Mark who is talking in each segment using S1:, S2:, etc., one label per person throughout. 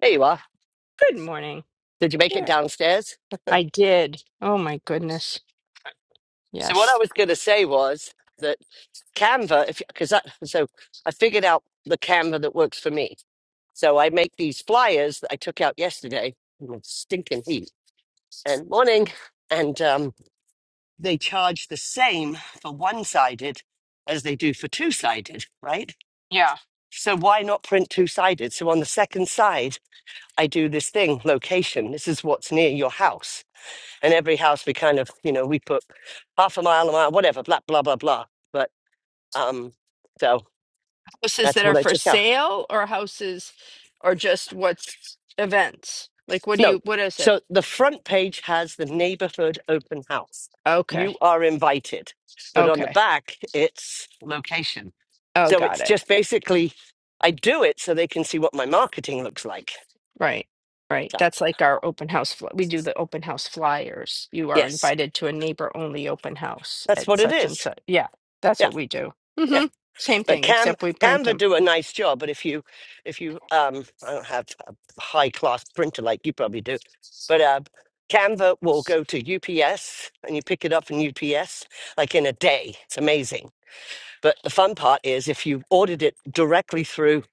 S1: There you are.
S2: Good morning.
S1: Did you make it
S2: Yeah.
S1: downstairs?
S2: I did. Oh my goodness.
S1: So what I
S2: Yes.
S1: was going to say was that Canva, if because that, so I figured out the Canva that works for me. So I make these flyers that I took out yesterday in the stinking heat and morning, and um, they charge the same for one-sided as they do for two-sided, right?
S2: Yeah.
S1: So why not print two-sided? So on the second side, I do this thing, location. This is what's near your house and every house we kind of you know we put half a mile a mile whatever blah blah blah blah but um so
S2: Houses
S1: that's
S2: that
S1: what
S2: are
S1: i
S2: for
S1: took out
S2: sale or houses or just what's events? Like what do
S1: no
S2: you what is
S1: so
S2: it?
S1: the front page has the neighborhood open house
S2: Okay.
S1: you are invited but on the
S2: Okay.
S1: back it's location
S2: Oh,
S1: so
S2: got
S1: it's
S2: it.
S1: just basically i do it so they can see what my marketing looks like
S2: Right. Right.
S1: so
S2: That's like our open house fl- we do the open house flyers. You are
S1: yes
S2: invited to a neighbor only open house
S1: that's
S2: at
S1: what it
S2: such and
S1: is
S2: such. Yeah. That's what
S1: yeah
S2: we do. Mhm. Same
S1: But
S2: thing
S1: Cam
S2: except we print
S1: Canva
S2: them.
S1: do a nice job. But if you if you um I don't have a high class printer like you probably do, but uh, Canva will go to UPS and you pick it up in UPS like in a day. It's amazing. But the fun part is if you ordered it directly through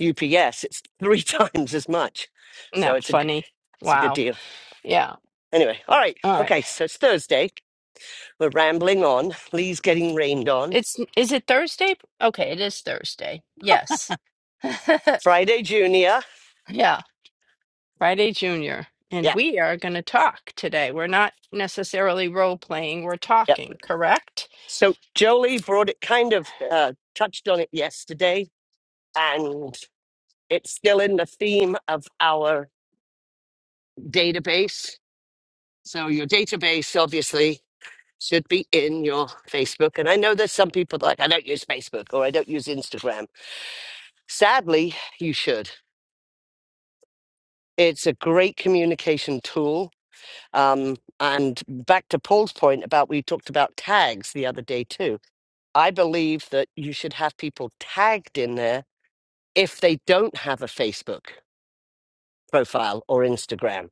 S1: UPS, it's three times as much.
S2: Isn't
S1: So
S2: that
S1: it's a g-
S2: funny?
S1: it's a good
S2: Wow.
S1: deal.
S2: Yeah.
S1: Anyway, all right.
S2: All right.
S1: Okay, so it's Thursday. We're rambling on. Lee's getting rained on.
S2: It's is it Thursday? Okay, it is Thursday. Yes.
S1: Friday, Junior.
S2: Yeah, Friday Junior. And
S1: Yeah.
S2: we are going to talk today. We're not necessarily role playing, we're
S1: yeah.
S2: talking, correct?
S1: So Jolie brought it kind of uh, touched on it yesterday, and it's still in the theme of our database. So your database obviously should be in your Facebook. And I know there's some people like, I don't use Facebook or I don't use Instagram. Sadly, you should. It's a great communication tool. Um, and back to Paul's point about we talked about tags the other day too. I believe that you should have people tagged in there if they don't have a Facebook profile or Instagram.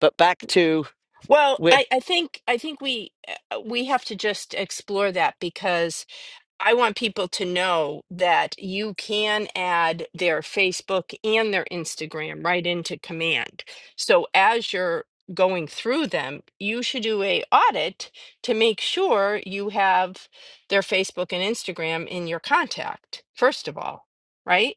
S1: But back to
S2: Well,
S1: wi-
S2: I I think I think we uh, we have to just explore that because. I want people to know that you can add their Facebook and their Instagram right into command. So as you're going through them, you should do a audit to make sure you have their Facebook and Instagram in your contact. First of all, right?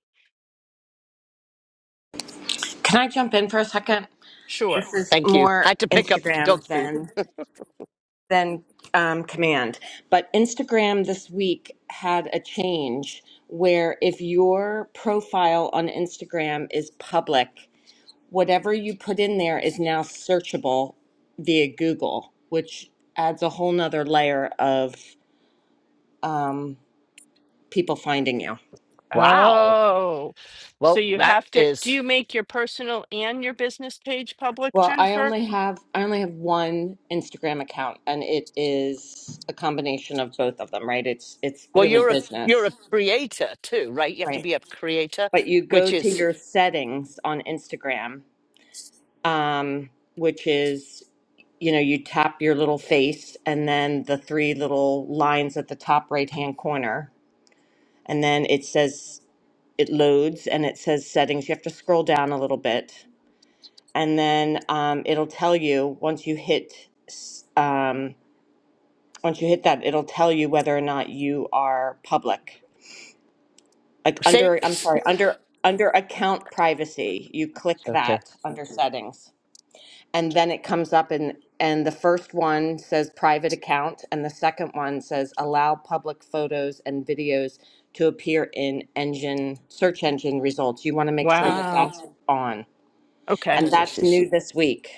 S3: Can I jump in for a second?
S2: Sure.
S3: This is
S1: thank you.
S3: more
S1: Had to pick up
S3: Instagram
S1: dog's poop.
S3: than than um, command, but Instagram this week had a change where if your profile on Instagram is public, whatever you put in there is now searchable via Google, which adds a whole nother layer of um, people finding you.
S1: Wow.
S2: Oh. So
S1: Well,
S2: you
S1: that
S2: have to do
S1: is
S2: you make your personal and your business page public,
S3: Well, I
S2: Jennifer?
S3: only have I only have one Instagram account and it is a combination of both of them, right? It's it's
S1: Well,
S3: really
S1: you're a you're
S3: business.
S1: a creator too, right? You have to
S3: Right.
S1: be a creator,
S3: But you go
S1: which
S3: to
S1: is
S3: your settings on Instagram, um, which is you know, you tap your little face and then the three little lines at the top right hand corner and then it says it loads and it says settings. You have to scroll down a little bit, and then um, it'll tell you once you hit. um, Once you hit that, it'll tell you whether or not you are public. Like
S1: say
S3: under, I'm
S1: s-
S3: sorry, under under account privacy, you click
S1: okay.
S3: that under settings. And then it comes up and and the first one says private account and the second one says allow public photos and videos to appear in engine search engine results. You want to make sure that
S2: Wow.
S3: that's on.
S2: Okay.
S1: Oh,
S3: And
S1: This
S3: that's
S1: is
S3: new this week.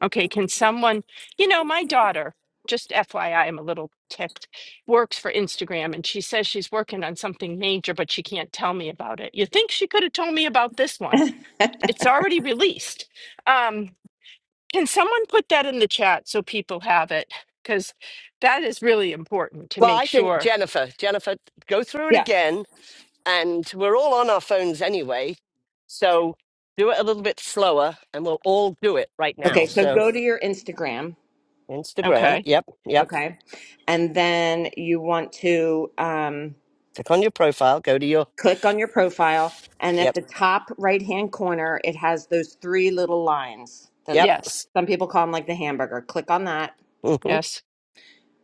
S2: Okay, can someone, you know, my daughter, just FYI, I'm a little ticked, works for Instagram and she says she's working on something major, but she can't tell me about it. You think she could have told me about this one? It's already released. Um, can someone put that in the chat so people have it? Because that is really important to
S1: well.
S2: make
S1: I think
S2: sure.
S1: Jennifer, Jennifer, go through it
S3: Yeah.
S1: again, and we're all on our phones anyway, so do it a little bit slower, and we'll all do it right now.
S3: Okay, so
S1: So
S3: go to your Instagram,
S1: Instagram,
S2: Okay.
S1: yep, yep.
S3: okay? And then you want to um
S1: Click on your profile, go to your
S3: click on your profile, and at
S1: yep,
S3: the top right hand corner, it has those three little lines that
S1: yep.
S2: Yes.
S3: some people call them like the hamburger. Click on that,
S1: hmm
S2: Yes.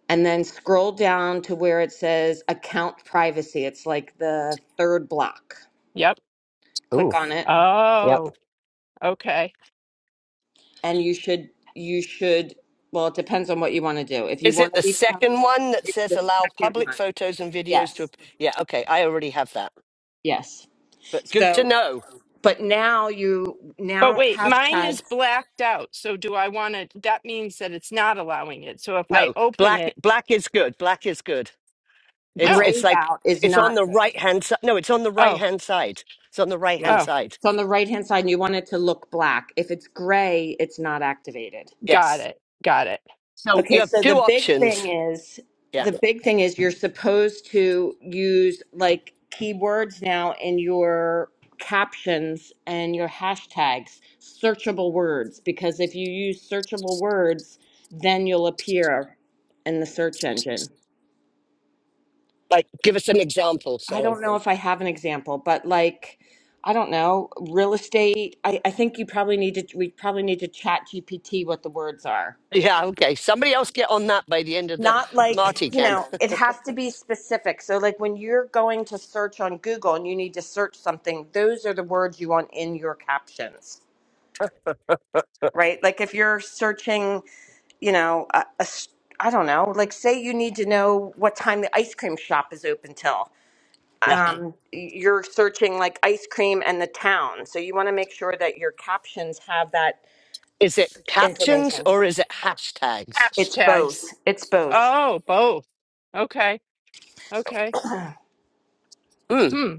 S3: and then scroll down to where it says account privacy. It's like the third block.
S2: Yep.
S3: Click
S1: Ooh,
S3: on it,
S1: yep.
S2: Oh, okay.
S3: and you should, you should, well, it depends on what you want to do. If you
S1: Is it
S3: want to
S1: the
S3: be found,
S1: second one that
S3: it's
S1: says
S3: the
S1: allow
S3: second
S1: public
S3: one.
S1: photos and videos to?
S3: Yes.
S1: ap- Yeah, okay. I already have that,
S3: Yes.
S1: but good to
S3: So,
S1: know
S3: but now you,
S2: But
S3: now
S2: wait, mine
S3: hashtag
S2: is blacked out. So do I want to? That means that it's not allowing it. So if I
S1: No,
S2: open
S1: black
S2: it,
S1: black is good. Black is good. It's
S2: no.
S1: it's
S3: grayed
S1: like
S3: out is
S1: it's on
S3: not
S1: the
S3: good.
S1: right hand side. No, it's on the right
S2: Oh,
S1: hand side. It's on the right
S3: Yeah.
S1: hand
S2: oh,
S1: side.
S3: It's on the right hand side and you want it to look black. If it's gray, it's not activated.
S2: got
S1: Yes.
S2: it. Got it.
S1: So you
S3: Okay,
S1: have
S3: so
S1: two
S3: the big thing
S1: options.
S3: is
S1: Yeah.
S3: the big thing is you're supposed to use like keywords now in your captions and your hashtags, searchable words, because if you use searchable words, then you'll appear in the search engine.
S1: Like give us an example,
S3: I
S1: sorry.
S3: don't know if I have an example, but like, I don't know, real estate. I, I think you probably need to, we probably need to chat GPT what the words are.
S1: Yeah, okay. Somebody else get on that by the end of the
S3: Not like,
S1: Marty
S3: you
S1: can.
S3: know, it has to be specific. So, like, when you're going to search on Google and you need to search something, those are the words you want in your captions, right? Like, if you're searching, you know, a, a s- I don't know, like, say you need to know what time the ice cream shop is open till
S1: Yeah.
S3: um, you're searching like ice cream and the town. So you want to make sure that your captions have that
S1: Is it captions
S3: information.
S1: or is it hashtags?
S3: It's both.
S2: Hashtags.
S3: It's both.
S2: Oh, both. Okay. Okay.
S1: Mm,
S2: Hmm.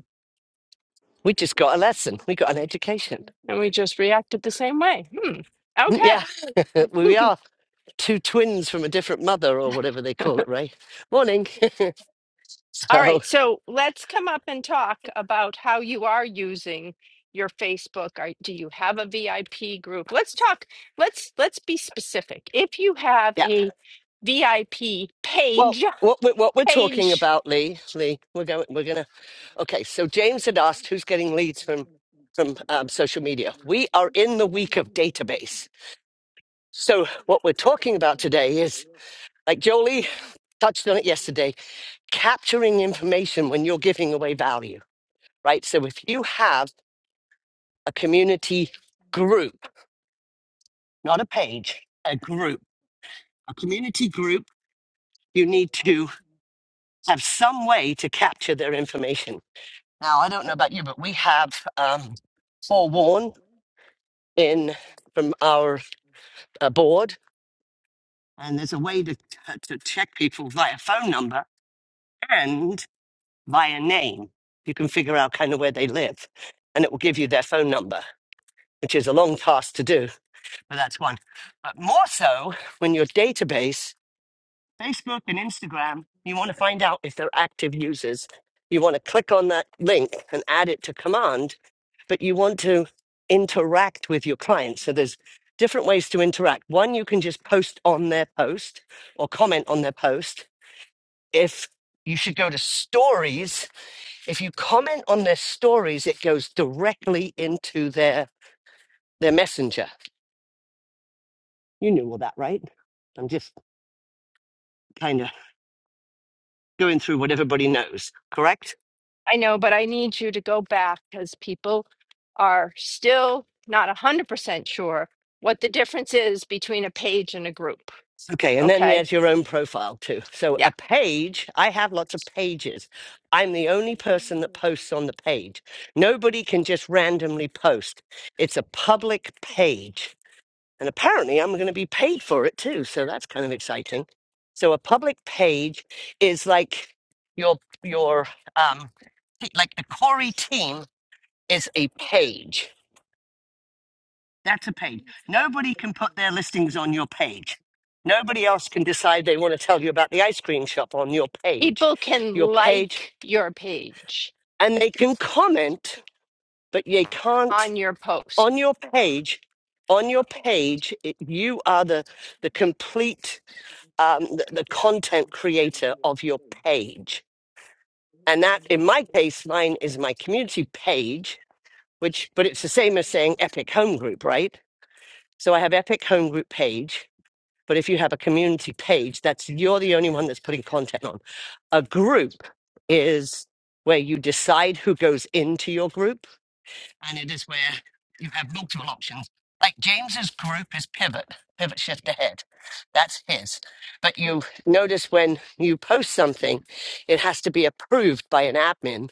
S1: we just got a lesson. We got an education.
S2: And we just reacted the same way. Hmm.
S1: Mm, Yeah,
S2: Okay.
S1: we are two twins from a different mother or whatever they call it, Ray. Morning.
S2: All
S1: So,
S2: right, so let's come up and talk about how you are using your Facebook. Are, do you have a VIP group? Let's talk. Let's let's be specific. If you have
S1: yeah.
S2: a VIP
S1: Well,
S2: page,
S1: what we're, what we're talking
S2: page,
S1: about, Lee, Lee, we're going, we're gonna. Okay, so James had asked who's getting leads from from um, social media. We are in the week of database. So what we're talking about today is, like Jolie touched on it yesterday, capturing information when you're giving away value, right? So if you have a community group, not a page, a group, a community group, you need to have some way to capture their information Now, I don't know about you, but we have um, forewarn in from our uh, board, and there's a way to, uh, to check people via phone number and via name. You can figure out kind of where they live, and it will give you their phone number, which is a long task to do, but that's one. But more so when your database Facebook and Instagram, you want to find out if they're active users. You want to click on that link and add it to command, but you want to interact with your clients. So there's different ways to interact. One, you can just post on their post or comment on their post. If you should go to stories, if you comment on their stories, it goes directly into their their messenger. You knew all that, right? I'm just kind of going through what everybody knows, correct?
S2: I know, but I need you to go back because people are still not 100% sure what the difference is between a page and a group.
S1: Okay, and then
S2: Okay?
S1: there's your own profile too. So a
S2: Yeah.
S1: page, I have lots of pages. I'm the only person that posts on the page. Nobody can just randomly post. It's a public page. And apparently I'm going to be paid for it too, so that's kind of exciting. So a public page is like your your um like the Corey team is a page. That's a page. Nobody can put their listings on your page. Nobody else can decide they want to tell you about the ice cream shop on your page.
S2: People can
S1: Your page,
S2: like your page
S1: and they can comment, but they can't
S2: on your post
S1: on your page. On your page, it, you are the the complete um, the, the content creator of your page, and that, in my case, mine is my community page, which but it's the same as saying Epic Home Group, right? So I have Epic Home Group page, But if you have a community page, that's you're the only one that's putting content on. A group is where you decide who goes into your group, and it is where you have multiple options. Like James's group is pivot, pivot shift ahead. That's his. But you notice when you post something, it has to be approved by an admin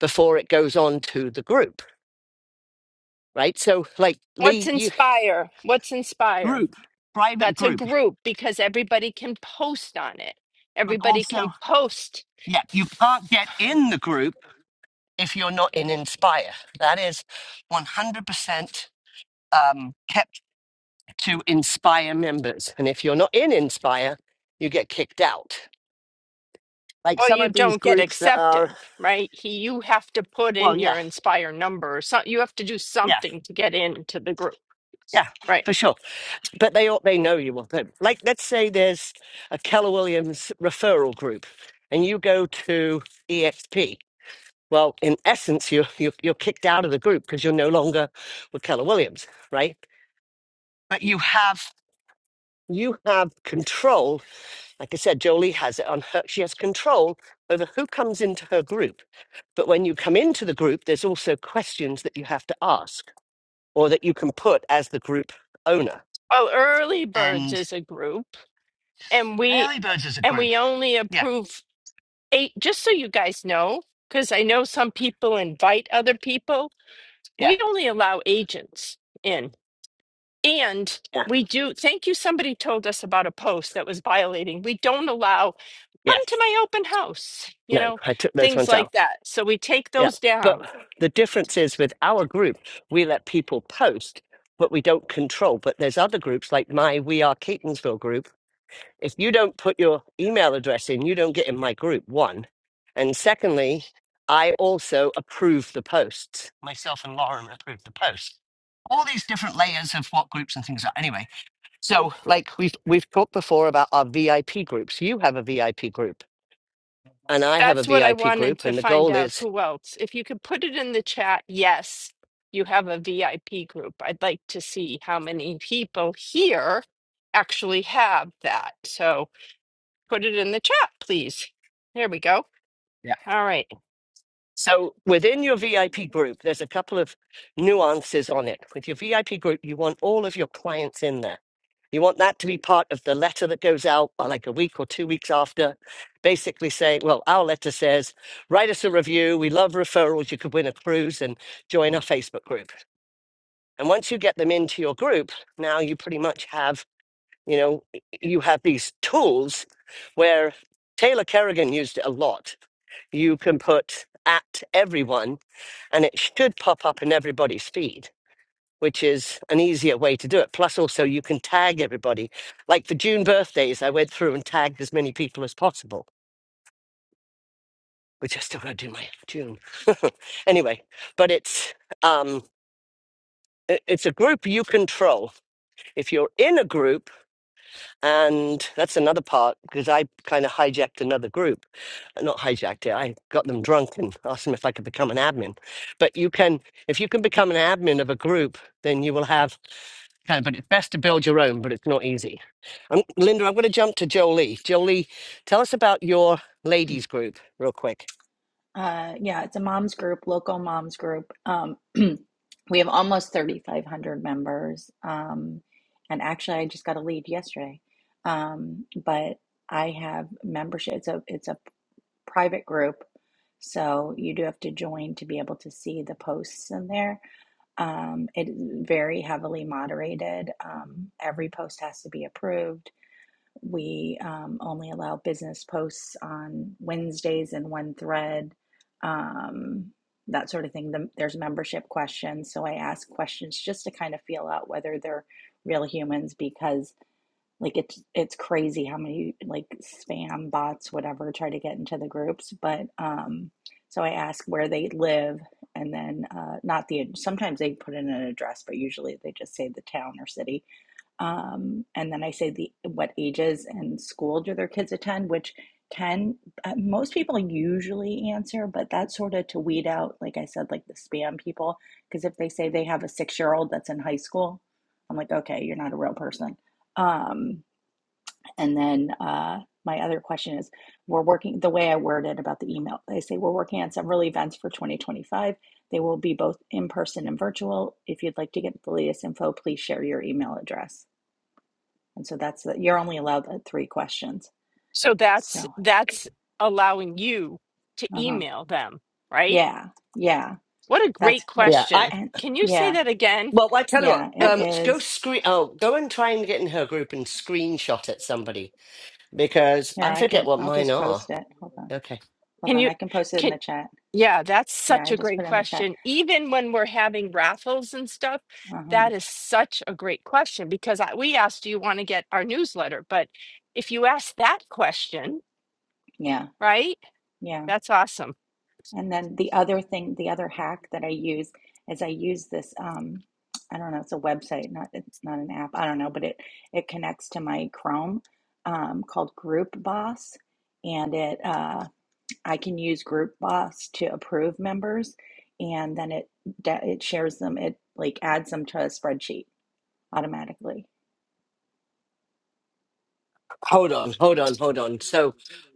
S1: before it goes on to the group, right? So, like
S2: What's
S1: Lee, you
S2: Inspire? What's Inspire?
S1: group, private
S2: That's a
S1: group,
S2: group because everybody can post on it.
S1: but
S2: Everybody can
S1: also,
S2: post
S1: yeah, you can't get in the group if you're not in Inspire. That is 100% um, kept to Inspire members. And if you're not in Inspire, you get kicked out. Like
S2: or
S1: some
S2: you
S1: of these
S2: don't get
S1: groups that are,
S2: accepted, right? He, you have to put
S1: well,
S2: in
S1: yeah,
S2: your Inspire number or something. You have to do
S1: yeah,
S2: something to get into the group,
S1: yeah,
S2: right?
S1: for sure. But they all, they know you will. But like, let's say there's a Keller Williams referral group, and you go to EXP. Well, in essence, you you you're kicked out of the group because you're no longer with Keller Williams, right? But you have you have control. Like I said, Jolie has it on her. She has control over who comes into her group. But when you come into the group, there's also questions that you have to ask or that you can put as the group owner.
S2: Well, Early Birds
S1: And
S2: is a group and we
S1: early Birds is a
S2: and
S1: group.
S2: we only
S1: Yeah,
S2: approve eight just so you guys know because i know some people invite other people
S1: yeah,
S2: we only allow agents in And
S1: yeah,
S2: we do, thank you. Somebody told us about a post that was violating. We don't allow,
S1: yeah.
S2: come to my open house, you
S1: No,
S2: know,
S1: I took those
S2: things
S1: ones out.
S2: like that. So we take
S1: Yeah.
S2: those
S1: But
S2: down.
S1: the difference is with our group, we let people post, but we don't control. But there's other groups like my We Are Catonsville group If you don't put your email address in, you don't get in my group, one. And secondly, I also approve the posts. Myself and Lauren approve the posts. All these different layers of what groups and things are. Anyway, so like we've we've talked before about our VIP groups. You have a VIP group and I have a
S2: That's what I
S1: VIP
S2: wanted
S1: group
S2: to
S1: and the
S2: find
S1: goal
S2: out.
S1: is
S2: Who else? If you could put it in the chat, yes, you have a VIP group. I'd like to see how many people here actually have that. So put it in the chat, please. There we go. All right.
S1: So within your VIP group, there's a couple of nuances on it. With your VIP group, you want all of your clients in there. You want that to be part of the letter that goes out uh, like a week or two weeks after, basically saying, well, our letter says, write us a review. We love referrals. You could win a cruise and join our Facebook group. And once you get them into your group, now you pretty much have, you know, you have these tools where Taylor Kerrigan used it a lot you can put at everyone and it should pop up in everybody's feed, which is an easier way to do it. Plus, also, you can tag everybody. Like for June birthdays, I went through and tagged as many people as possible, which I still got to do my June. anyway, but it's. Um, i- it's a group you control. If you're in a group, And that's another part because I kind of hijacked another group. Uh, Not hijacked it, I got them drunk and asked them if I could become an admin. But you can, if you can become an admin of a group, then you will have kind of, but it's best to build your own, but it's not easy. Um Linda, I'm going to jump to Jolie. Jolie, tell us about your ladies group real quick.
S4: Uh, yeah, it's a mom's group, local moms group. Um, we have almost 3,500 members. Um, and actually, I just got a lead yesterday. Um, but I have membership. It's a it's a private group, so you do have to join to be able to see the posts in there. Um, it is very heavily moderated. Um, every post has to be approved we um, only allow business posts on Wednesdays in one thread, um, that sort of thing. The, there's membership questions. So I ask questions just to kind of feel out whether they're real humans because like it's it's crazy how many like spam bots whatever try to get into the groups but um so i ask where they live and then uh not the sometimes they put in an address but usually they just say the town or city um, and then I say the what ages and school do their kids attend, which can uh, most people usually answer, but that's sort of to weed out, like I said, like the spam people, because if they say they have a six year old that's in high school, I'm like, okay, you're not a real person. Um, and then uh, my other question is, we're working the way I worded about the email. I say we're working on several events for 2025. They will be both in person and virtual. If you'd like to get the latest info, please share your email address and so that's the, you're only allowed the three questions.
S2: So that's
S4: So,
S2: that's allowing you to
S4: uh-huh.
S2: email them, right?
S4: Yeah. Yeah.
S2: What a
S4: That's
S2: great
S4: the
S1: Yeah, I
S2: question.
S4: and
S2: Can you say
S4: yeah.
S2: that again?
S1: Well, I tell you what,
S4: Yeah, it
S1: um, s- go
S4: is.
S1: screen. Oh, go and try and get in her group and screenshot at somebody because
S4: Here,
S1: I
S4: I
S1: forget
S4: can
S1: what
S4: I'll
S1: mine
S4: just
S1: are.
S4: post it. Hold on.
S1: Okay.
S4: Hold
S2: Can
S4: on.
S2: you?
S4: I can post it in
S2: can.
S4: the chat.
S2: Yeah, that's
S4: Yeah,
S2: such
S4: I
S2: a
S4: just
S2: great
S4: put it in the chat.
S2: question. Even when we're having raffles and stuff,
S4: Uh-huh.
S2: that is such a great question because I, we asked, do you want to get our newsletter? But if you ask that question,
S4: Yeah.
S2: right?
S4: Yeah.
S2: That's awesome.
S4: And then the other thing, the other hack that I use is I use this um I don't know, it's a website, not not an app. I don't know, but it it connects to my Chrome um called Group Boss and it uh I can use Group Boss to approve members, and then it it shares them. It like adds them to a spreadsheet automatically.
S1: Hold on, hold on, hold on. So,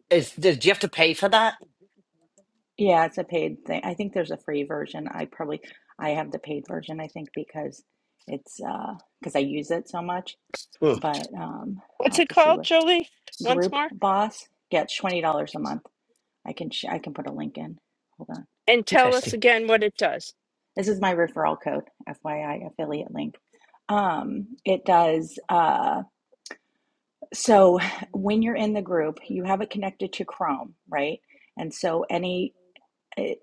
S1: is does do you have to pay for that?
S4: Yeah, it's a paid thing. I think there's a free version. I probably I have the paid version. I think because it's uh because I use it so much.
S1: Huh.
S4: But um, I'll
S2: What's
S4: have
S2: it
S4: to see
S2: called,
S4: what
S2: Jolie? Once
S4: Group
S2: more?
S4: Boss gets twenty dollars a month. I can sh- I can put a link in. Hold on.
S2: And tell us
S1: Interesting.
S2: again what it does.
S4: This is my referral code, FYI affiliate link. Um, it does. Uh, So when you're in the group, you have it connected to Chrome, right? And so any, eh,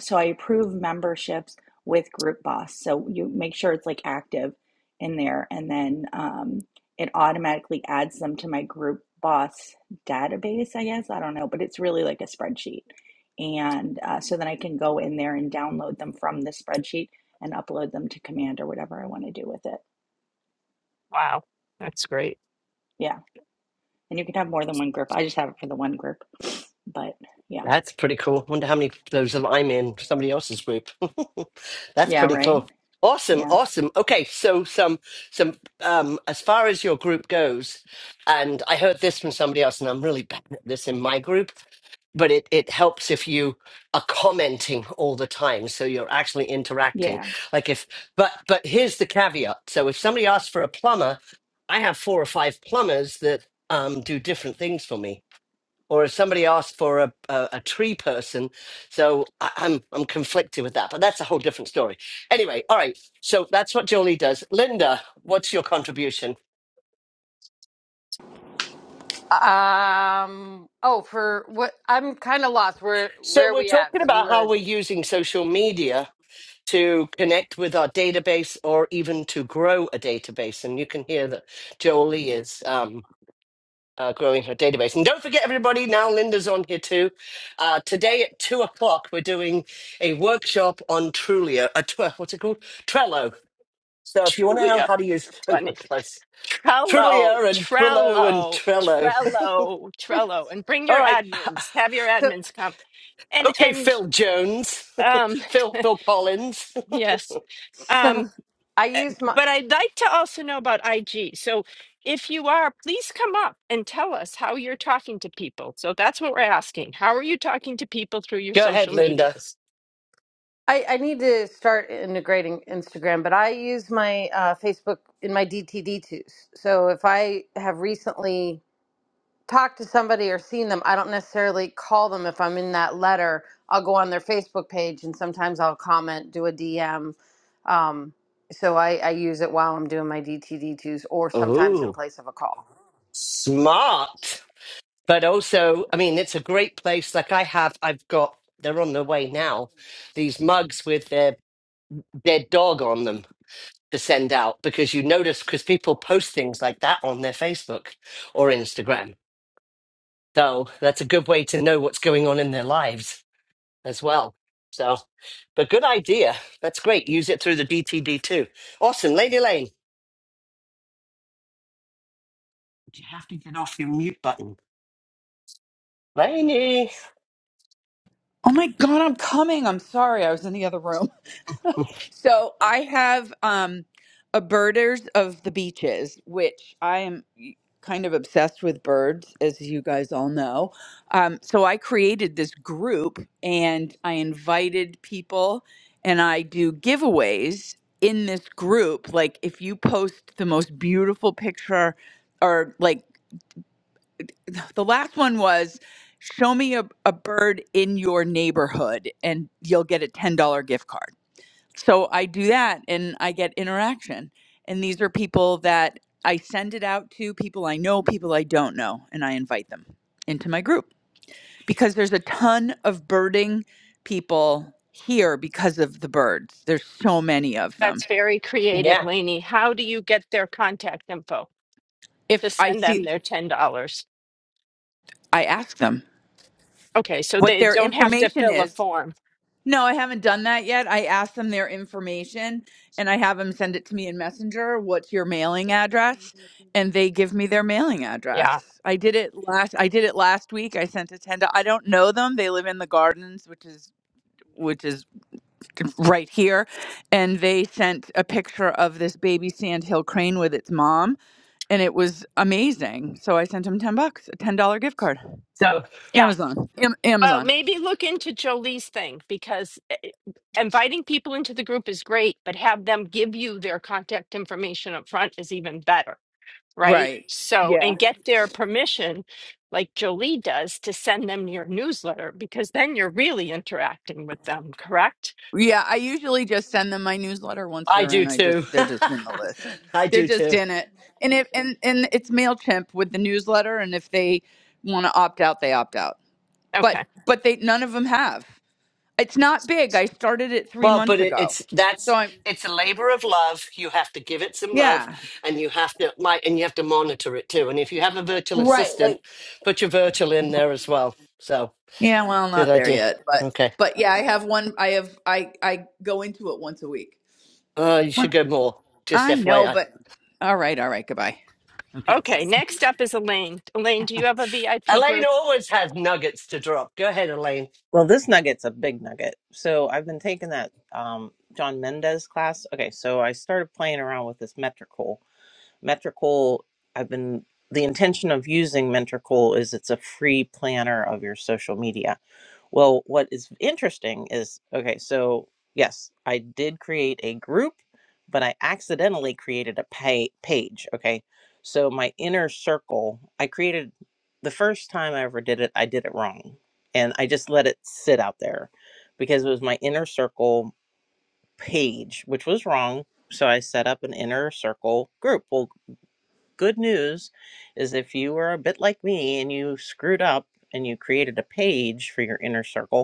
S4: so I approve memberships with Group Boss. So you make sure it's like active in there, and then um, it automatically adds them to my Group Boss database. I guess I don't know, but it's really like a spreadsheet, and uh, so then I can go in there and download them from the spreadsheet and upload them to Command or whatever I want to do with it.
S2: Wow, that's great.
S4: Yeah. And you can have more than one group. I just have it for the one group. But yeah.
S1: That's pretty cool. Wonder how many of those that I'm in somebody else's group. That's
S4: Yeah,
S1: pretty
S4: right?
S1: cool. Awesome,
S4: Yeah.
S1: awesome. Okay, so some some um as far as your group goes, and I heard this from somebody else, and I'm really bad at this in my group, but it it helps if you are commenting all the time, so you're actually interacting.
S4: Yeah.
S1: Like if but but here's the caveat. So if somebody asks for a plumber, I have four or five plumbers that um do different things for me or if somebody asked for a, a, a tree person. So I, I'm I'm conflicted with that, but that's a whole different story. Anyway, all right. So that's what Jolie does. Linda, what's your contribution?
S5: Um. Oh, for what? I'm kind of lost. Where
S1: So
S5: Where are
S1: we're
S5: we at?
S1: talking
S5: Because we
S1: about how
S5: were.
S1: we're using social media to connect with our database or even to grow a database, and you can hear that Jolie is. um, uh, growing her database. And don't forget, everybody, now Linda's on here too. Uh, today at two o'clock, we're doing a workshop on Trulio. Uh, tw- what's it called? Trello. So if you want to know
S2: Trulia,
S1: how to use
S2: you're
S1: no,
S2: funny.
S1: close.
S2: Trello,
S1: Trulio and Twillo and
S2: Trello,
S1: Trello.
S2: Trello, Trello. And bring
S1: All
S2: your
S1: right.
S2: admins, have your
S5: So
S2: admins come. And,
S1: Okay,
S2: and,
S1: Phil Jones,
S2: um,
S1: Phil Phil Collins.
S2: Yes.
S5: so,
S2: Um,
S5: I
S2: eh,
S5: use my.
S2: but I'd like to also know about IG. So if you are, please come up and tell us how you're talking to people. So that's what we're asking. How are you talking to people through your
S1: Go ahead,
S2: social
S1: Linda.
S2: medias?
S5: I, I need to start integrating Instagram, but I use my uh, Facebook in my DTD2s. So if I have recently talked to somebody or seen them, I don't necessarily call them if I'm in that letter. I'll go on their Facebook page and sometimes I'll comment, do a DM. Um, so I, I use it while I'm doing my DTD2s or sometimes in
S1: Ooh,
S5: place of a call.
S1: smart. But also, I mean, it's a great place. Like I have, I've got. They're on their way now. These mugs with their dead dog on them to send out because you notice because people post things like that on their Facebook or Instagram. So that's a good way to know what's going on in their lives as well. So, but good idea. That's great. Use it through the DTD too. Awesome. Lady Lane, you have to get off your mute button. Laney.
S6: Oh my god, I'm coming. I'm sorry. I was in the other room. So, I have um a birders of the beaches, which I am kind of obsessed with birds as you guys all know. Um so I created this group and I invited people and I do giveaways in this group like if you post the most beautiful picture or like the last one was show me a, a bird in your neighborhood and you'll get a $10 gift card. So I do that and I get interaction. And these are people that I send it out to people I know, people I don't know, and I invite them into my group because there's a ton of birding people here because of the birds. There's so many of them.
S2: That's very creative,
S1: Yeah.
S2: Lainey. How do you get their contact info to
S6: If I
S2: send them
S6: see,
S2: their $10?
S6: I ask them
S2: Okay, so
S6: what
S2: they
S6: their
S2: don't have to
S6: information
S2: fill a
S6: is
S2: form.
S6: No, I haven't done that yet. I asked them their information and I have them send it to me in Messenger. What's your mailing address? And they give me their mailing
S2: Yeah,
S6: address. I did it last I did it last week. I sent it ten. to I don't know them. They live in the gardens, which is which is right here, and they sent a picture of this baby sandhill crane with its mom and it was amazing. So I sent them 10 bucks, a $10 gift card.
S1: So
S2: Yeah.
S6: Amazon. Am-
S2: Well,
S6: Amazon.
S2: maybe look into Jolie's thing because eh, eh, inviting people into the group is great, but have them give you their contact information up front is even better, right?
S6: Right.
S2: So,
S6: Yeah.
S2: and get their permission, like Jolie does, to send them your newsletter because then you're really interacting with them, correct?
S6: Yeah, I usually just send them my newsletter once
S1: I
S6: they're
S1: do
S6: in. I
S1: too.
S6: just they're just in the list.
S1: I
S6: They're
S1: do
S6: just
S1: too.
S6: in it. And if and and it's Mailchimp with the newsletter and if they want to opt out, they opt out. But
S2: Okay.
S6: but they none of them have. It's not big. I started it 3
S1: Well, but
S6: months
S1: it,
S6: ago.
S1: it's
S6: So
S1: that's
S6: I'm
S1: it's a labor of love. You have to give it some love,
S6: yeah.
S1: and you have to like, and you have to monitor it too. And if you have a virtual
S6: Right,
S1: assistant,
S6: like
S1: put your virtual in there as well. So
S6: yeah, well,
S1: good
S6: not there
S1: idea.
S6: yet, but
S1: Okay,
S6: but yeah, I have one I have I I go into it once a week.
S1: Oh, you should
S6: What?
S1: go more. Just
S6: I know,
S1: FYI,
S6: but all right, all right, goodbye.
S2: Okay. Next up is Elaine. Elaine, do you have a VIP
S1: Elaine
S2: group?
S1: always has nuggets to drop. Go ahead, Elaine.
S7: Well, this nugget's a big nugget. So I've been taking that um, John Mendez class. Okay, so I started playing around with this metrical. Metrical, I've been the intention of using Metrical is it's a free planner of your social media. Well, what is interesting is okay, so yes, I did create a group, but I accidentally created a pay- page. Okay. So my inner circle, I created the first time I ever did it, I did it wrong. And I just let it sit out there because it was my inner circle page, which was wrong. So I set up an inner circle group. Well, good news is if you were a bit like me and you screwed up and you created a page for your inner circle,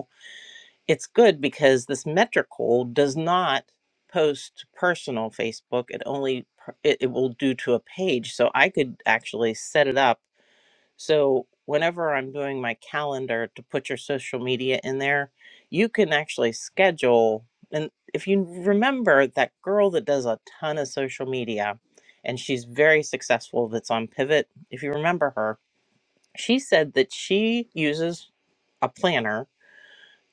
S7: it's good because this metrical does not post to personal facebook it only per- it, it will do to a page so i could actually set it up so whenever i'm doing my calendar to put your social media in there you can actually schedule and if you remember that girl that does a ton of social media and she's very successful that's on pivot if you remember her she said that she uses a planner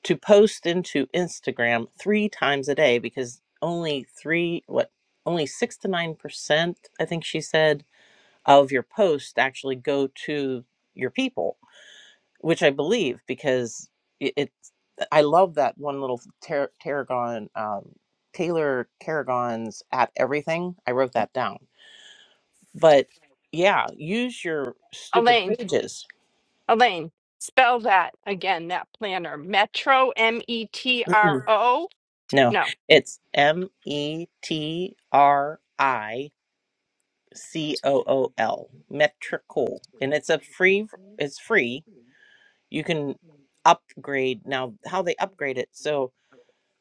S7: to post into Instagram three times a day because only three, what, only six to nine percent, I think she said, of your posts actually go to your people, which I believe because it, it I love that one little Tar- Tarragon, um, Taylor Tarragon's at everything. I wrote that down. But yeah, use your stupid
S2: Elaine,
S7: pages.
S2: Elaine, spell that again, that planner. Metro, M E T R
S7: Mm-mm.
S2: O.
S7: No,
S2: No.
S7: it's M E T R I. C O O L Metricool, and it's a free. It's free. You can upgrade now. How they upgrade it? So,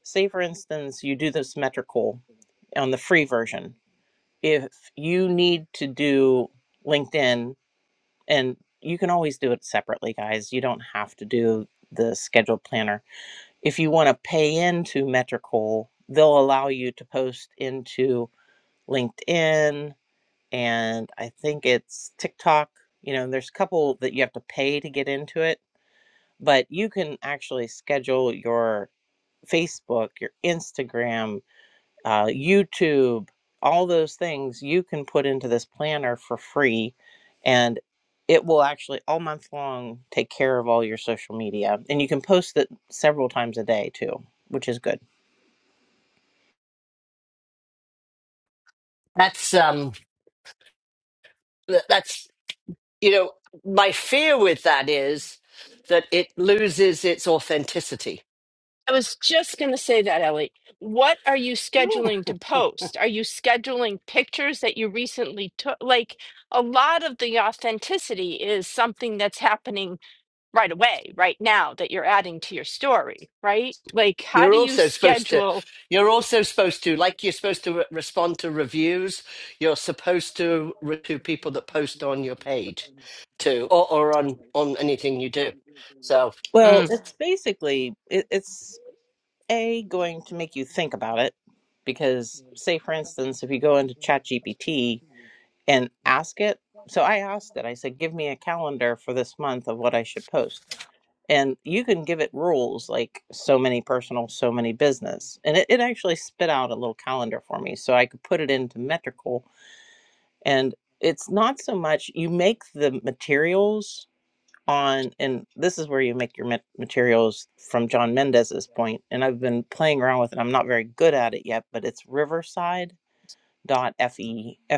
S7: say for instance, you do this Metricool on the free version. If you need to do LinkedIn, and you can always do it separately, guys. You don't have to do the scheduled planner. If you want to pay into Metricool, they'll allow you to post into LinkedIn and I think it's TikTok. You know, there's a couple that you have to pay to get into it, but you can actually schedule your Facebook, your Instagram, uh, YouTube, all those things you can put into this planner for free. And it will actually all month long take care of all your social media. And you can post it several times a day too, which is good.
S1: That's um, th- that's you know, my fear with that is that it loses its authenticity
S2: I was just going to say that, Ellie. What are you scheduling to post? Are you scheduling pictures that you recently took? Like a lot of the authenticity is something that's happening right away, right now, that you're adding to your story, right? Like, how
S1: You're
S2: do you
S1: also supposed to,
S2: schedule?
S1: you're also supposed to, like you're supposed to re- respond to reviews. You're supposed to re- to people that post on your page, too, or, or on on anything you do. So
S7: Well,
S2: Mm.
S7: it's basically, it, it's A, going to make you think about it because, say, for instance, if you go into ChatGPT and ask it, so I asked it, I said, give me a calendar for this month of what I should post. And you can give it rules like so many personal, so many business. And it, it actually spit out a little calendar for me so I could put it into metrical. And it's not so much you make the materials on and this is where you make your materials from John Mendez's point and I've been playing around with it. I'm not very good at it yet, but it's riverside.fe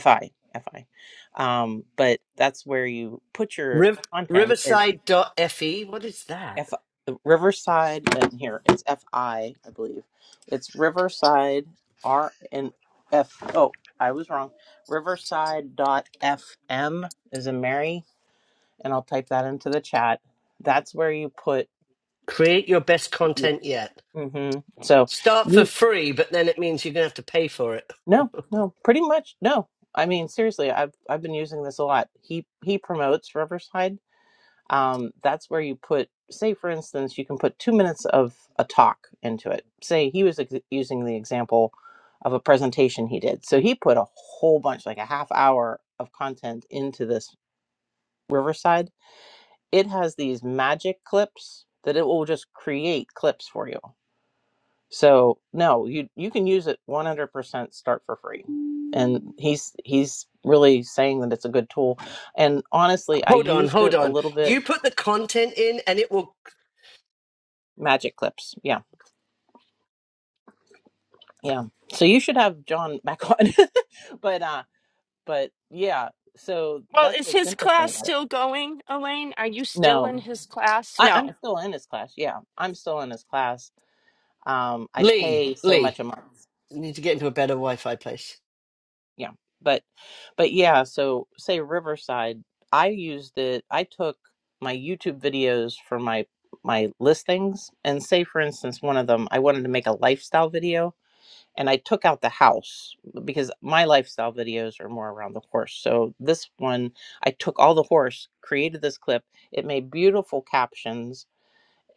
S7: fi fi. Um but that's where you put your
S1: riv-
S7: content and
S1: Riverside.fe, what is that?
S7: f uh, riverside and here it's fi I I believe. It's riverside r and f oh, I was wrong. Riverside. dot fm is a Mary and I'll type that into the chat. That's where you put
S1: Create your best content yet.
S7: hmm So
S1: Start for
S7: you
S1: free, but then it means you're gonna have to pay for it.
S7: no, no, pretty much no. I mean, seriously, I've I've been using this a lot. He he promotes Riverside. Um, that's where you put, say, for instance, you can put two minutes of a talk into it. Say he was ex- using the example of a presentation he did. So he put a whole bunch, like a half hour of content into this Riverside. It has these magic clips that it will just create clips for you. So no, you you can use it 100% start for free. And he's he's really saying that it's a good tool. And honestly, I
S1: Hold on,
S7: used
S1: hold
S7: it a
S1: on.
S7: little bit
S1: You put the content in, and it will.
S7: magic clips. Yeah. Yeah. So you should have John back on. but uh but yeah, so
S2: Well,
S7: that's
S2: is
S7: what's
S2: his
S7: interesting
S2: class
S7: about it.
S2: still going, Elaine? Are you still in
S7: No.
S2: his class?
S7: I, I'm
S2: No.
S7: still in his class. Yeah. I'm still in his class. Um I
S1: Lee,
S7: pay so
S1: Lee,
S7: much a month.
S1: you need to get into a better Wi-Fi place.
S7: yeah but but yeah so say riverside i used it i took my youtube videos for my my listings and say for instance one of them i wanted to make a lifestyle video and i took out the house because my lifestyle videos are more around the horse so this one i took all the horse created this clip it made beautiful captions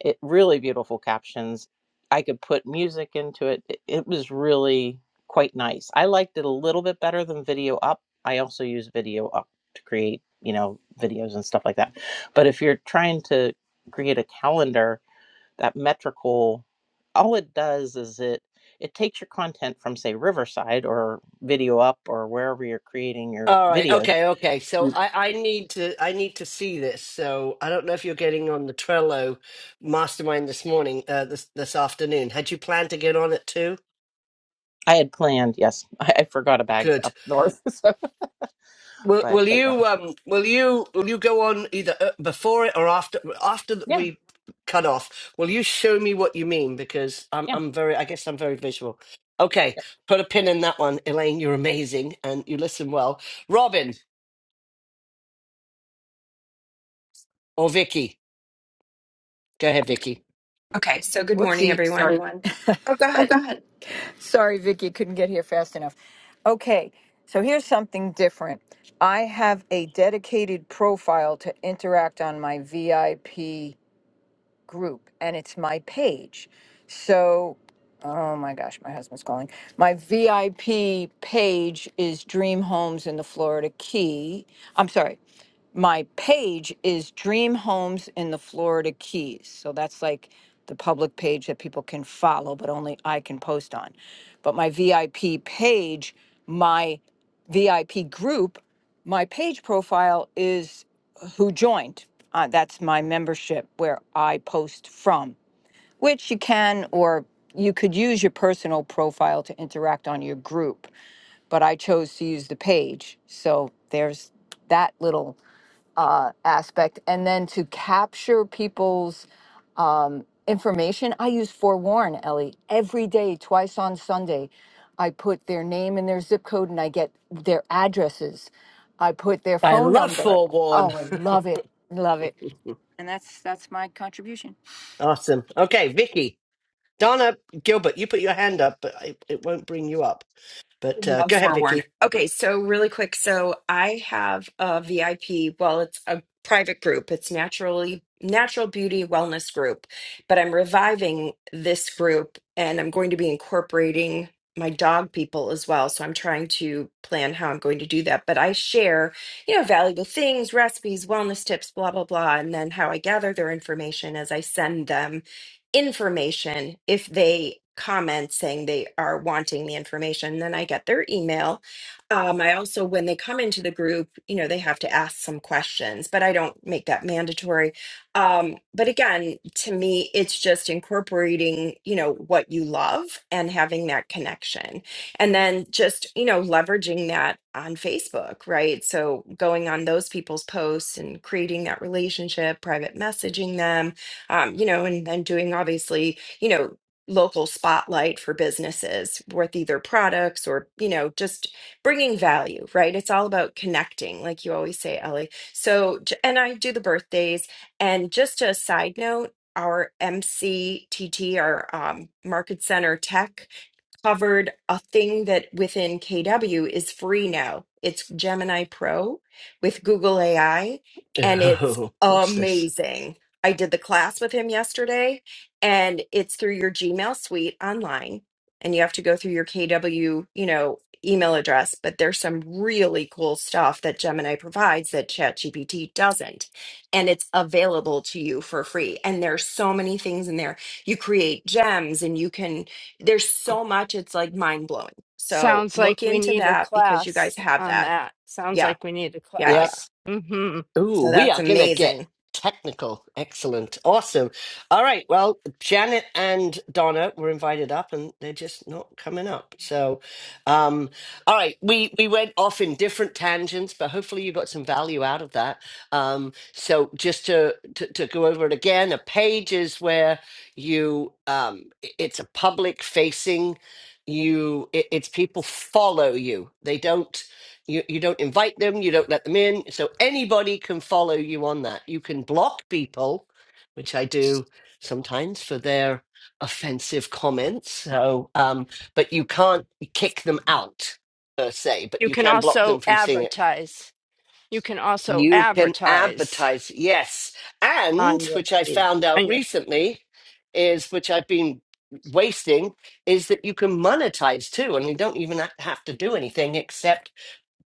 S7: it really beautiful captions i could put music into it it, it was really quite nice i liked it a little bit better than video up i also use video up to create you know videos and stuff like that but if you're trying to create a calendar that metrical all it does is it it takes your content from say riverside or video up or wherever you're creating your
S1: All right.
S7: videos
S1: Okay. Okay. So
S7: Mm.
S1: I, I need to I need to see this. So I don't know if you're getting on the Trello mastermind this morning, uh, this this afternoon. Had you planned to get on it too?
S7: i had planned yes i, I forgot a bag
S1: Good.
S7: up north so,
S1: Will
S7: but,
S1: Will
S7: but yeah
S1: you um Will you Will you go on either uh, before it or after after th-
S7: yeah
S1: we cut off? Will you show me what you mean? Because I'm
S7: yeah yeah.
S1: I'm very I guess I'm very visual. Okay. Put a pin in that one, Elaine. You're amazing and you listen well. Robin or Vicky? Go ahead, Vicky.
S8: Okay, so good morning,
S9: Whoopsie. Sorry.
S8: everyone.
S9: Everyone.
S8: Oh, go ahead.
S9: Sorry, Vicky, couldn't get here fast enough. Okay, so here's something different. I have a dedicated profile to interact on my VIP group and it's my page. So, oh my gosh, my husband's calling. My VIP page is Dream Homes in the Florida Key. I'm sorry. My page is Dream Homes in the Florida Keys. So that's like the public page that people can follow, but only I can post on. But my VIP page, my VIP group, my page profile is who joined. Uh, that's my membership where I post from, which you can or you could use your personal profile to interact on your group, but I chose to use the page. So there's that little uh, aspect and then to capture people's um, information i use forewarn ellie every day twice on sunday i put their name and their zip code and i get their addresses i put their
S1: I
S9: phone
S1: love
S9: number
S1: forewarn.
S9: oh i love it love it and that's that's my contribution
S1: Awesome. Okay, Vicky. Donna Gilbert, you put your hand up, but it, it won't bring you up. But uh,
S8: Love
S1: go ahead,
S8: forewarn.
S1: Vicky.
S8: Okay, so really quick. So I have a VIP. Well, it's a private group. It's naturally natural beauty wellness group, but I'm reviving this group and I'm going to be incorporating my dog people as well. So I'm trying to plan how I'm going to do that. But I share, you know, valuable things, recipes, wellness tips, blah, blah, blah. And then how I gather their information as I send them information if they comment saying they are wanting the information then i get their email um, i also when they come into the group you know they have to ask some questions but i don't make that mandatory um, but again to me it's just incorporating you know what you love and having that connection and then just you know leveraging that on facebook right so going on those people's posts and creating that relationship private messaging them um, you know, and then doing obviously, you know, local spotlight for businesses with either products or, you know, just bringing value, right? It's all about connecting, like you always say, Ellie. So, j- and I do the birthdays. And just a side note, our MCTT, our um, Market Center Tech covered a thing that within KW is free now. It's Gemini Pro with Google AI, and it's
S1: Oh, what's this?
S8: amazing. I did the class with him yesterday, and it's through your Gmail suite online, and you have to go through your KW, you know, email address. But there's some really cool stuff that Gemini provides that ChatGPT doesn't, and it's available to you for free. And there's so many things in there. You create gems, and you can there's so much it's like mind blowing so
S2: Sounds
S8: look
S2: like we
S8: into
S2: need a
S8: that because you
S2: class
S8: guys have
S2: on
S8: that
S2: that. Sounds
S8: yeah
S2: like we need a
S8: yeah yeah
S2: class. hmm
S1: Ooh,
S8: so
S1: we
S8: that's
S1: are going to get
S8: amazing
S1: technical. Excellent. Awesome. All right. Well, Janet and Donna were invited up and they're just not coming up. So, um, all right. We, we went off in different tangents, but hopefully you got some value out of that. Um, so just to, to, to go over it again, a page is where you, um, i- it's a public facing you, it, it's people follow you. They don't. You, you don't invite them, you don't let them in. So anybody can follow you on that. You can block people, which I do sometimes for their offensive comments. So, um, but you can't kick them out per se, but
S2: You
S1: you
S2: can
S1: can block
S2: also
S1: them from seeing it.
S2: advertise. you can also
S1: You can
S2: advertise
S1: advertise, yes. And
S2: on your
S1: which I
S2: page
S1: found out
S2: on your
S1: recently is which I've been wasting is that you can monetize too. And you don't even ha- have to do anything except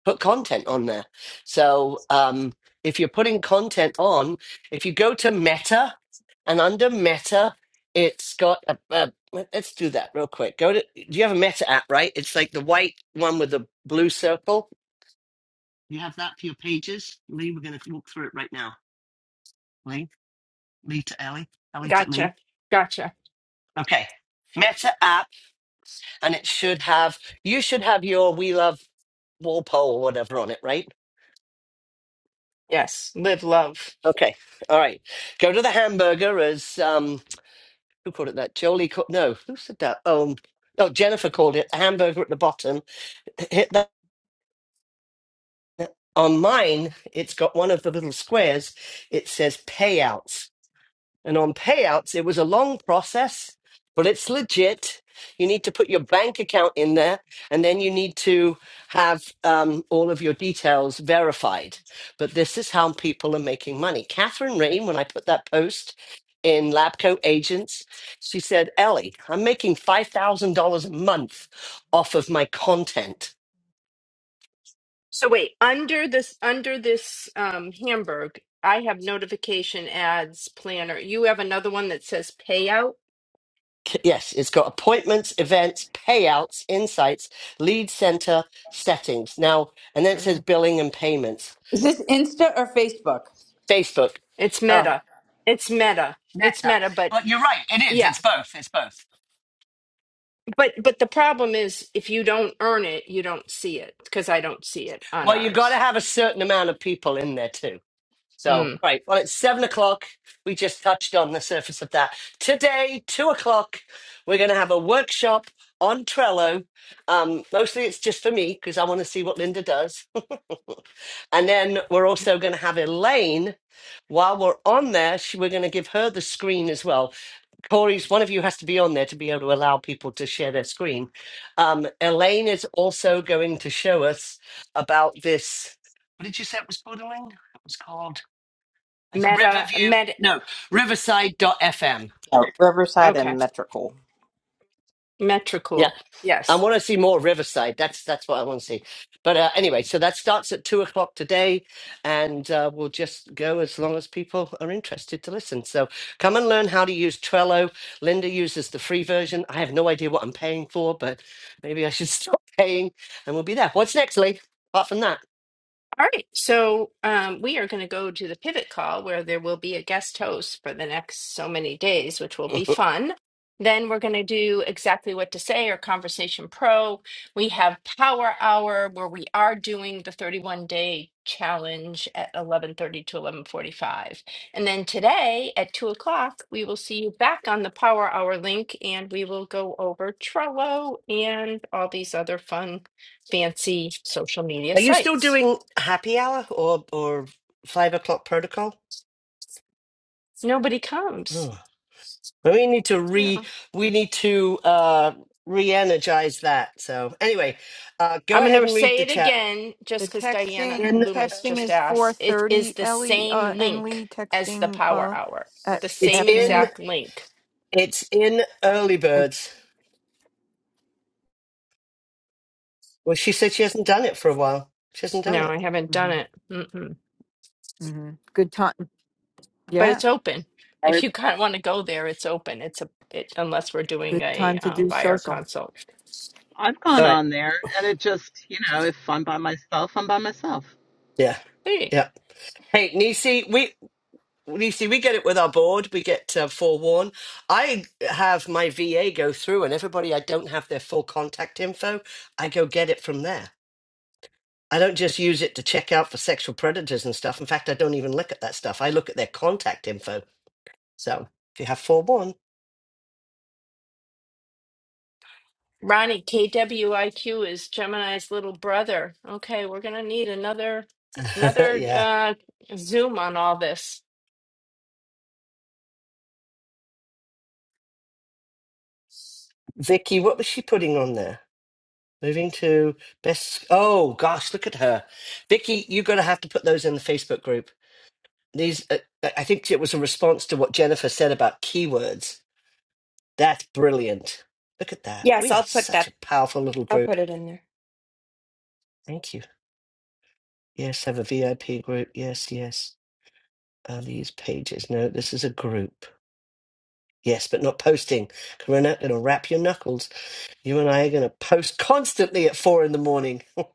S1: put content on there. So um, if you're putting content on, if you go to Meta and under Meta, it's got a, a let's do that real quick. Go to do you have a Meta app, right? It's like the white one with the blue circle. You have that for your pages. Lee, we're gonna walk through it right now. Lee, Lee to Ellie, Ellie to Lee.
S2: gotcha gotcha
S1: Okay. Meta app and it should have you should have your We Love Walpole or whatever on it, right?
S2: yes live love
S1: Okay, all right. Go to the hamburger as um, who called it that? Jolie called no, who said that? Um, oh, Jennifer called it a hamburger at the bottom. Hit that on mine. It's got one of the little squares. It says payouts. And on payouts, it was a long process, but it's legit. You need to put your bank account in there, and then you need to have um, all of your details verified. But this is how people are making money. Catherine Rain, when I put that post in Labco Agents, she said, Ellie, I'm making $5,000 a month off of my content.
S2: so wait under this under this um hamburg i have notification ads planner you have another one that says payout
S1: c- yes, it's got appointments, events, payouts, insights, lead center, settings. Now, and then it says
S2: Oh.
S1: billing and payments.
S6: Is this Insta or Facebook?
S1: Facebook,
S2: it's
S6: Oh.
S2: meta it's meta it's
S1: Meta.
S2: meta but
S1: Well, you're right. It is.
S2: yeah
S1: It's both. It's both.
S2: but but the problem is if you don't earn it you don't see it because i don't see it on
S1: Well, you got to
S2: ours
S1: have a certain amount of people in there too. So, all
S2: mm.
S1: right. Well, it's seven o'clock. We just touched on the surface of that. Today, two o'clock, we're going to have a workshop on Trello. Um, mostly it's just for me because I want to see what Linda does. And then we're also going to have Elaine. While we're on there, she, we're going to give her the screen as well. Corey's one of you has to be on there to be able to allow people to share their screen. Um, Elaine is also going to show us about this. What did you say it was called, Elaine? It was called
S2: meta
S1: Riverview.
S2: meta
S1: No, Riverside FM.
S7: No, Riverside
S2: okay
S7: and Metrical.
S1: Yeah.
S2: Metricool.
S1: I
S2: yes
S1: want to see more Riverside. That's that's what I want to see. But uh, anyway, so that starts at two o'clock today, and uh, we'll just go as long as people are interested to listen. So come and learn how to use Trello. Linda uses the free version. I have no idea what I'm paying for, but maybe I should stop paying, and we'll be there. What's next, Lee? Apart from that,
S2: All right, so um, we are going to go to the pivot call where there will be a guest host for the next so many days, which will be
S1: are
S2: fun. Then we're going to do exactly what to say or Conversation Pro. We have Power Hour where we are doing the 31 day challenge at 11:30 to 11:45. And then today at two o'clock, we will see you back on the Power Hour link and we will go over Trello and all these other fun, fancy social media
S1: you still
S2: sites.
S1: doing happy hour or or five o'clock protocol?
S2: Nobody comes.
S1: Oh. But we need to re
S2: Yeah.
S1: we need to uh re-energize that. So anyway, uh go
S2: I'm going
S1: ahead
S2: to
S1: and read
S2: say
S1: the
S2: it
S1: chat.
S2: again
S9: The
S2: just because Diana
S9: texting And
S2: Loomis
S9: texting
S2: just
S9: is four
S2: asked. It
S9: thirty,
S2: is the
S9: Ellie uh
S2: same
S9: and
S2: link
S9: Lee
S2: as the
S9: texting
S2: power
S9: uh
S2: hour,
S9: at
S2: the
S1: It's
S2: same
S9: afternoon.
S1: in
S2: exact link.
S1: it's in early
S9: I
S1: birds. Well she said she hasn't done it for a while. She hasn't done
S2: No, I
S1: it.
S2: haven't done
S9: mm-hmm,
S2: it. Mm-mm.
S9: mm-hmm. good time.
S2: But
S9: Yeah.
S2: it's open. If you kind of want to go there, it's open. It's a it, unless we're
S9: Good
S2: doing
S9: time
S2: a
S9: to
S2: uh,
S9: do
S2: buyer
S9: social.
S2: consult.
S10: I've gone
S1: All right.
S10: on there and it just, you know, if I'm by myself, I'm by myself.
S1: Yeah.
S2: There you go.
S1: Yeah. Hey, Nisi, we Nisi, we get it with our board. We get uh, forewarned. I have my VA go through, and everybody I don't have their full contact info, I go get it from there. I don't just use it to check out for sexual predators and stuff. In fact, I don't even look at that stuff. I look at their contact info. So if you have forewarned,
S2: Ronnie, KWIQ is Gemini's little brother. Okay, we're gonna need another another
S1: yeah.
S2: uh, Zoom on all this.
S1: Vicky, what was she putting on there? Moving to best. Oh gosh, look at her, Vicky. You're gonna have to put those in the Facebook group. These, uh, I I think it was a response to what Jennifer said about keywords. That's brilliant. Look at that.
S8: yes
S1: We are
S8: i'll put
S1: such
S8: that
S1: a powerful little
S8: i'll
S1: group.
S8: put it in there
S1: Thank you. Yes, have a VIP group. Yes, yes. Are these pages? No, this is a group. Yes, but not posting. 'Cause We're not going to wrap your knuckles. You and I are going to post constantly at four in the morning. oh,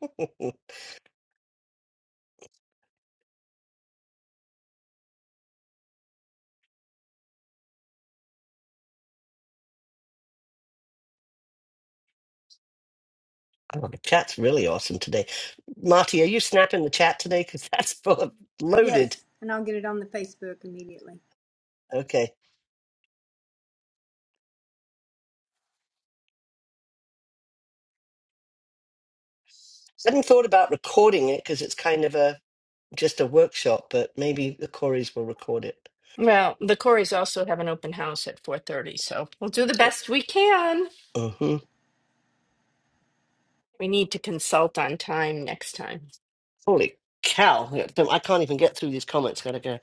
S1: the chat's really awesome today. Marty, are you snapping the chat today? Because that's full of loaded.
S11: Yes, and I'll get it on the Facebook immediately.
S1: Okay. Hadn't thought about recording it because it's kind of a just a workshop, but maybe the Corys will record it.
S2: Well, the Coreys also have an open house at 4:30, so we'll do the best we can.
S1: hmm
S2: We need to consult on time next time.
S1: Holy cow! I can't even get through these comments. Gotta go.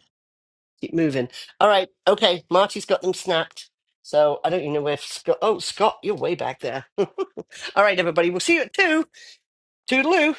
S1: Keep moving. All right. Okay. Marty's got them snapped. So I don't even know where Scott. Oh, Scott, you're way back there. All right, everybody. We'll see you at two. Toodaloo.